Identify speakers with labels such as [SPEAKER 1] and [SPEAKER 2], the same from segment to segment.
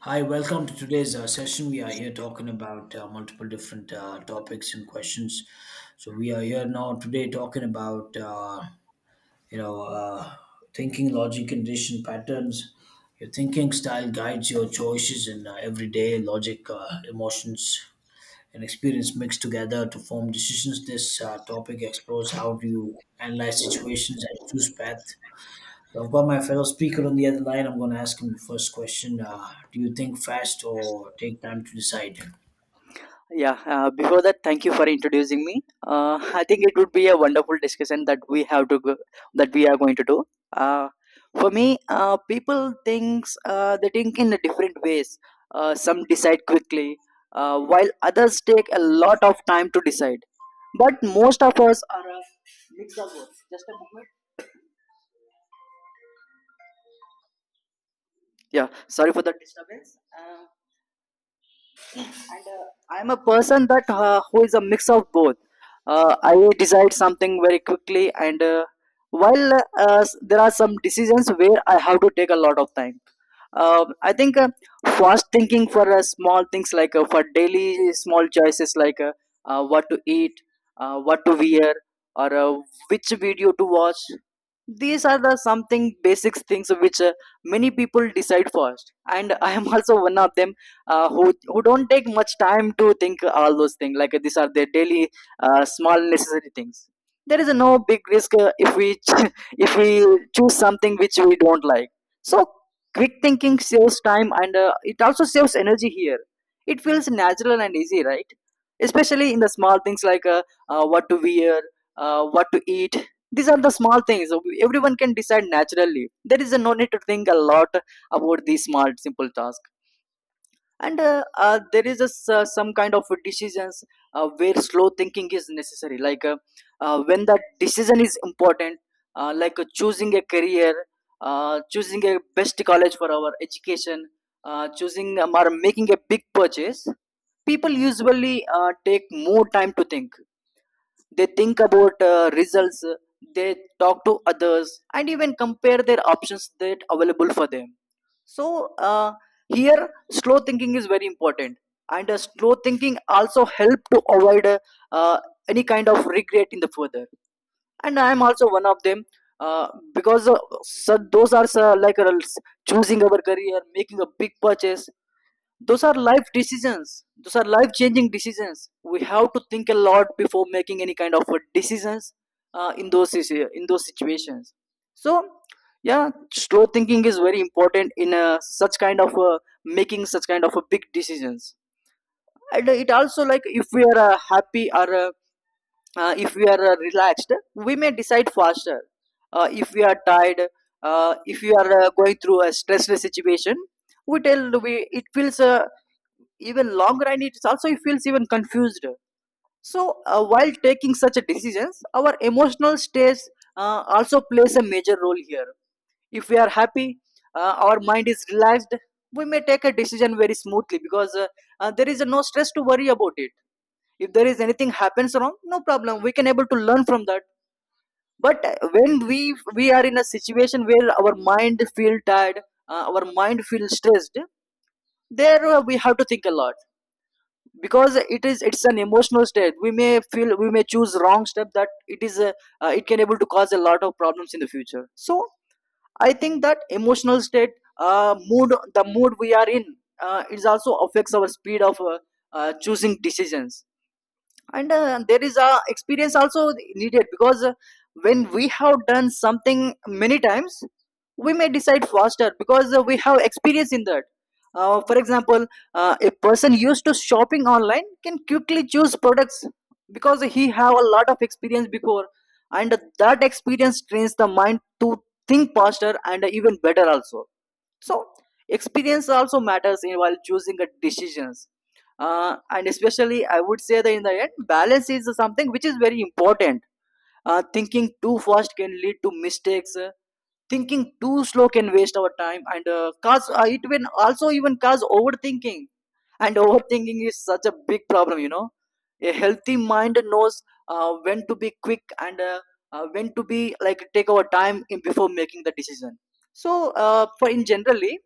[SPEAKER 1] Hi, welcome to today's session. We are here talking about multiple different topics and questions. So we are here now today talking about you know uh, thinking, logic, condition patterns. Your thinking style guides your choices in everyday logic, emotions, and experience mixed together to form decisions. This topic explores how do you analyze situations and choose path so I've got my fellow speaker on the other line. I'm going to ask him the first question. Do you think fast or take time to decide?
[SPEAKER 2] Yeah, before that, thank you for introducing me. I think it would be a wonderful discussion that we have to go, that we are going to do. Uh, for me, people thinks they think in different ways. Some decide quickly, while others take a lot of time to decide. But most of us are a mix of both. Just a moment. Yeah, sorry for the disturbance. And I'm a person that who is a mix of both. I decide something very quickly, and while there are some decisions where I have to take a lot of time. Uh, i think fast thinking, for small things like for daily small choices like what to eat, what to wear, or which video to watch. These are the something basic things which many people decide first, and I am also one of them, who don't take much time to think all those things, like these are their daily small necessary things. There is no big risk if if we choose something which we don't like. So quick thinking saves time, and it also saves energy here. It feels natural and easy, right? Especially in the small things, like what to wear, what to eat. These are the small things everyone can decide naturally. There is a no need to think a lot about these small, simple tasks. And there is a some kind of decisions where slow thinking is necessary. Like when that decision is important, choosing a career, choosing a best college for our education, choosing or making a big purchase, people usually take more time to think. They think about results, they talk to others, and even compare their options that available for them. So here, slow thinking is very important, and slow thinking also help to avoid uh, any kind of regret in the further. And I am also one of them, uh, because so those are choosing our career, making a big purchase. Those are life decisions, those are life changing decisions. We have to think a lot before making any kind of decisions in those situations. So yeah, slow thinking is very important in such kind of making such kind of big decisions. And it also, like, if we are happy, or if we are relaxed, we may decide faster. If we are tired, if we are going through a stressful situation, we tell we it feels even long run, it also feels even confused. So while taking such decisions, our emotional stage also plays a major role here. If we are happy, our mind is relaxed, we may take a decision very smoothly, because there is no stress to worry about it. If there is anything happens wrong, no problem, we can able to learn from that. But when we are in a situation where our mind feel tired, our mind feel stressed, there we have to think a lot, because it's an emotional state. We may feel we may choose wrong step, that it is a, it can able to cause a lot of problems in the future. So I think that emotional state, mood the mood we are in, it also affects our speed of choosing decisions. And there is a experience also needed, because when we have done something many times, we may decide faster, because we have experience in that. For example, a person used to shopping online can quickly choose products, because he have a lot of experience before. And that experience trains the mind to think faster and even better also. So experience also matters in while choosing the decisions. And especially, I would say that in the end, balance is something which is very important. Thinking too fast can lead to mistakes, thinking too slow can waste our time and cause it will also even cause overthinking. And overthinking is such a big problem, you know. A healthy mind knows when to be quick, and when to be, like, take our time in before making the decision. So for in generally,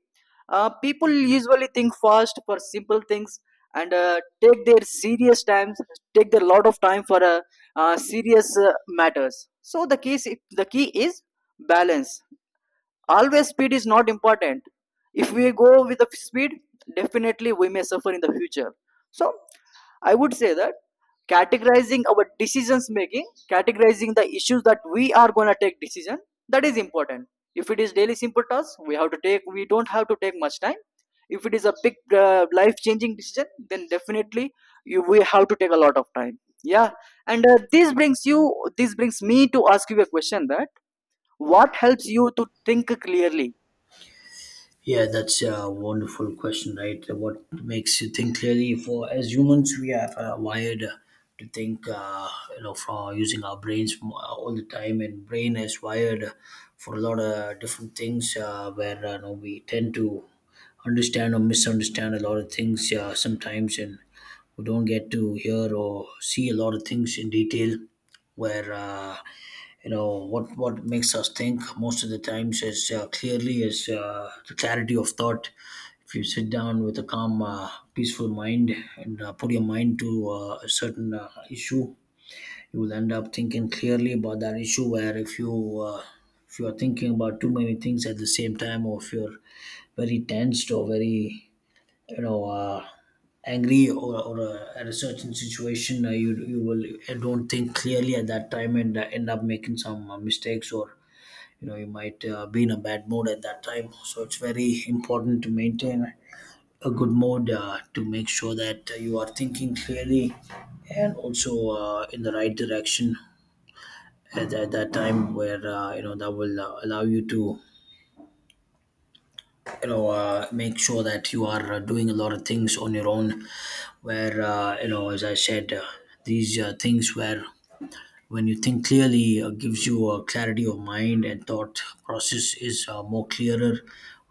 [SPEAKER 2] people usually think fast for simple things, and take their serious times, take their lot of time for serious matters. So the case, the key is balance. Always speed is not important. If we go with the speed, definitely we may suffer in the future. So I would say that categorizing our decisions, making categorizing the issues that we are going to take decision, that is important. If it is daily simple task, we have to take, we don't have to take much time. If it is a big life changing decision, then definitely we have to take a lot of time. Yeah. And this brings me to ask you a question that what helps you to think clearly.
[SPEAKER 1] Yeah, that's a wonderful question, right? What makes you think clearly? For as humans, we are wired to think, from using our brains all the time, and brain is wired for a lot of different things. Where you know, we tend to understand or misunderstand a lot of things sometimes, and who don't get to hear or see a lot of things in detail where what makes us think most of the times is clearly is the clarity of thought. If you sit down with a calm peaceful mind and put your mind to a certain issue, you will end up thinking clearly about that issue. Where if you are thinking about too many things at the same time, or if you're very tensed or very, you know uh, angry, or at a certain situation, you will don't think clearly at that time and end up making some mistakes, or you know you might be in a bad mood at that time. So it's very important to maintain a good mood to make sure that you are thinking clearly and also in the right direction at that time, where you know that will allow you to make sure that you are doing a lot of things on your own, where as I said, these things where when you think clearly, gives you a clarity of mind and thought process is more clearer.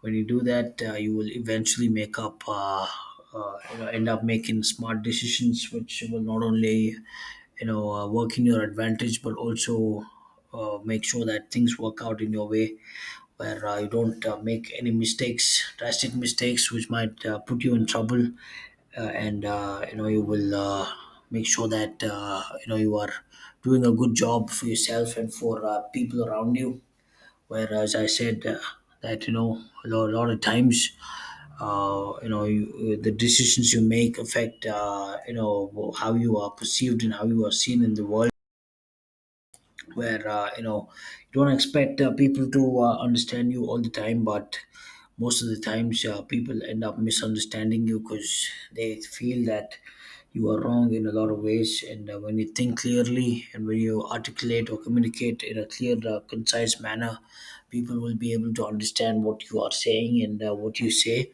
[SPEAKER 1] When you do that, you will eventually make up you know, end up making smart decisions, which will not only work in your advantage, but also make sure that things work out in your way, where you don't make any mistakes, drastic mistakes which might put you in trouble. And you know you will make sure that you know you are doing a good job for yourself and for people around you. Whereas I said, that you know a lot of times, the decisions you make affect, you know, how you are perceived and how you are seen in the world, where you don't expect people to understand you all the time. But most of the times, people end up misunderstanding you because they feel that you are wrong in a lot of ways. And when you think clearly and when you articulate or communicate in a clear concise manner, people will be able to understand what you are saying and what you say.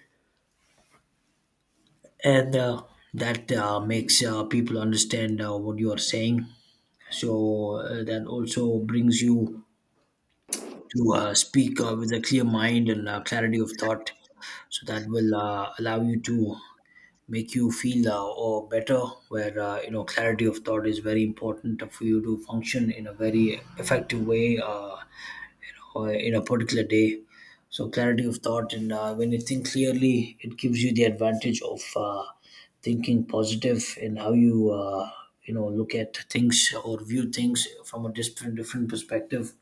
[SPEAKER 1] And uh, that uh, makes people understand what you are saying. So that also brings you to speak with a clear mind and clarity of thought. So that will allow you to make you feel or better, where you know clarity of thought is very important for you to function in a very effective way, or in a particular day. So clarity of thought, and when you think clearly, it gives you the advantage of thinking positive in how you you know look at things or view things from a different perspective.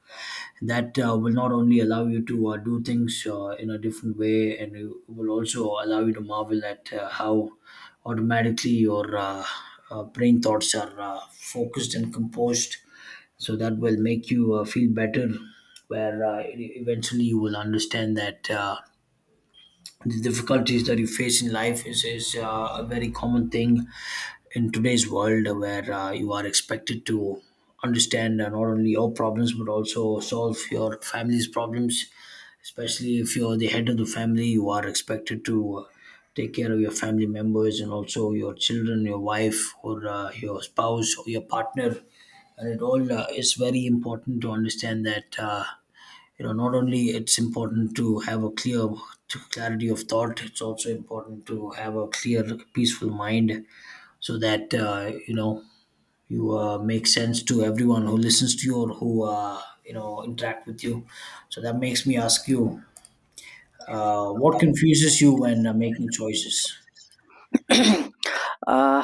[SPEAKER 1] That will not only allow you to do things in a different way, and it will also allow you to marvel at how automatically your brain thoughts are focused and composed. So that will make you feel better, where eventually you will understand that the difficulties that you face in life is a very common thing in today's world, where you are expected to understand not only your problems but also solve your family's problems. Especially if you're the head of the family, you are expected to take care of your family members and also your children, your wife, or your spouse or your partner. And it all is very important to understand that, not only it's important to have a clear to clarity of thought, it's also important to have a clear peaceful mind, so that you know you make sense to everyone who listens to you or who interact with you. So that makes me ask you, what confuses you when making choices?
[SPEAKER 2] uh,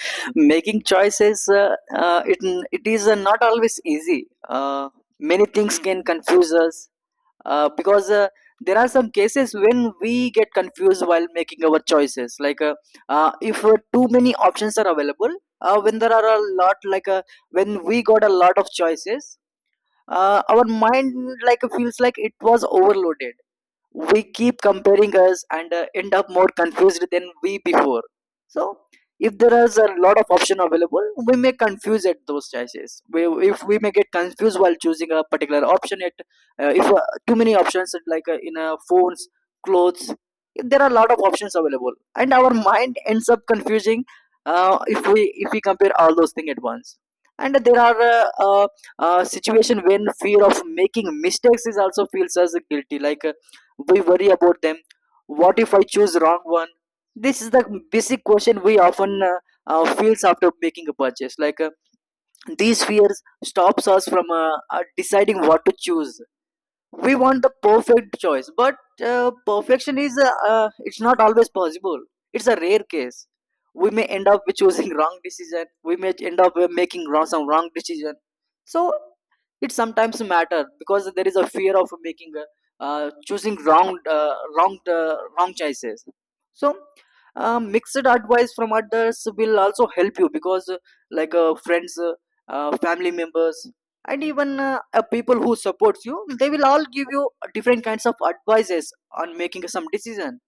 [SPEAKER 2] making choices it is not always easy. Many things can confuse us, because there are some cases when we get confused while making our choices, like if too many options are available. When there are a lot, like when we got a lot of choices, our mind, like, feels like it was overloaded. We keep comparing us and end up more confused than we before. So if there is a lot of option available, we may confuse at those choices, if we may get confused while choosing a particular option at, if too many options at, like in phones, clothes, if there are a lot of options available, and our mind ends up confusing if we compare all those things at once. And there are situation when fear of making mistakes is also feels as guilty, like we worry about them. What if I choose wrong one? This is the basic question we often feels after making a purchase, like these fears stops us from deciding what to choose. We want the perfect choice, but perfection is it's not always possible. It's a rare case. We may end up with choosing wrong decision, we may end up with making wrong some wrong decision. So it sometimes matter, because there is a fear of making a, choosing wrong wrong choices. So mixed advice from others will also help you, because like friends, family members, and even people who supports you, they will all give you different kinds of advices on making some decision.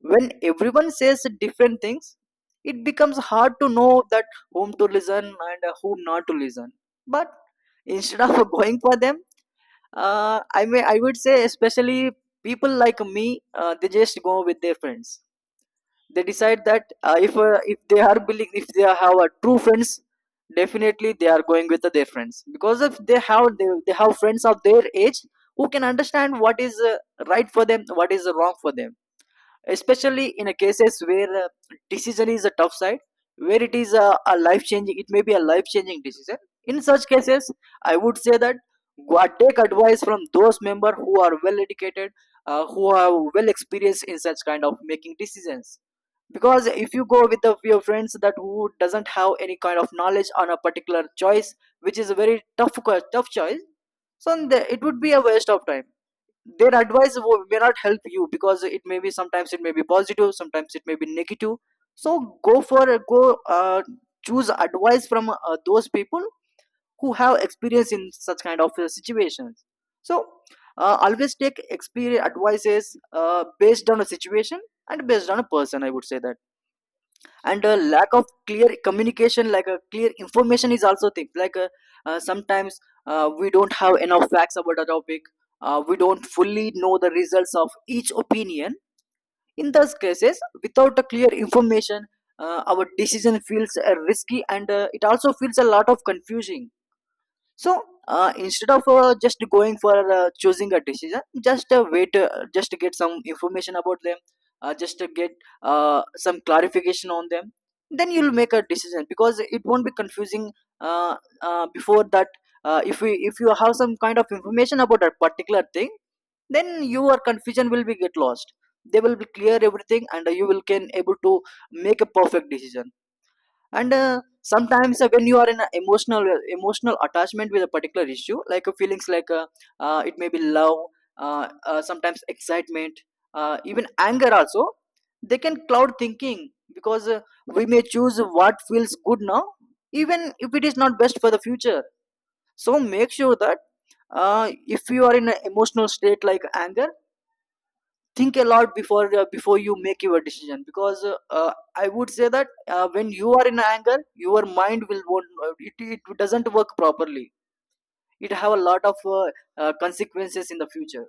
[SPEAKER 2] When everyone says different things, it becomes hard to know that whom to listen and whom not to listen. But instead of going for them, I would say especially people like me, they just go with their friends. They decide that if they are believe if they have a true friends, definitely they are going with their friends, because if they have they have friends of their age who can understand what is right for them, what is wrong for them. Especially in a cases where decision is a tough side, where it is a life changing, it may be a life changing decision. In such cases, I would say that go and take advice from those member who are well educated, who are well experienced in such kind of making decisions. Because if you go with your friends that who doesn't have any kind of knowledge on a particular choice which is a very tough tough choice, so then it would be a waste of time. Their advice may not help you, because it may be, sometimes it may be positive, sometimes it may be negative. So go for go uh, choose advice from those people who have experience in such kind of situations. So always take experience advices based on a situation and based on a person, I would say that. And a lack of clear communication, like a clear information, is also things like sometimes we don't have enough facts about a topic, we don't fully know the results of each opinion. In those cases, without a clear information, our decision feels risky, and it also feels a lot of confusing. So instead of just going for choosing a decision, just wait just to get some information about them, just to get some clarification on them, then you'll make a decision, because it won't be confusing. uh, Before that, if you have some kind of information about that particular thing, then your confusion will be get lost. They will be clear everything, and you will can able to make a perfect decision. And sometimes when you are in an emotional attachment with a particular issue, like feelings like it may be love, sometimes excitement, even anger also, they can cloud thinking, because we may choose what feels good now, even if it is not best for the future. So make sure that uh, if you are in an emotional state like anger, think a lot before before you make your decision, because I would say that when you are in anger, your mind will won't, it doesn't work properly. It have a lot of consequences in the future.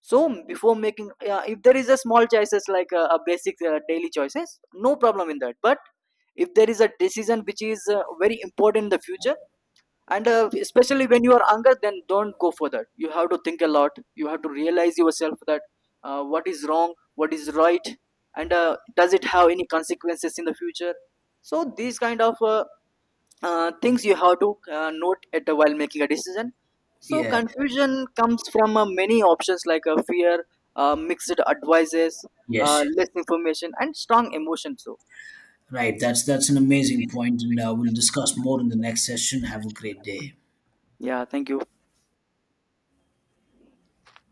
[SPEAKER 2] So before making if there is a small choices, like a basic daily choices, no problem in that. But if there is a decision which is very important in the future, and especially when you are younger, then don't go for that. You have to think a lot, you have to realize yourself that what is wrong, what is right, and does it have any consequences in the future. So these kind of things you have to note at while making a decision. So
[SPEAKER 1] Yeah.
[SPEAKER 2] confusion comes from many options, like fear, mixed advices,
[SPEAKER 1] Yes.
[SPEAKER 2] less information, and strong emotions. So
[SPEAKER 1] Right. That's an amazing point, and we'll discuss more in the next session. Have a great day.
[SPEAKER 2] yeah, thank you.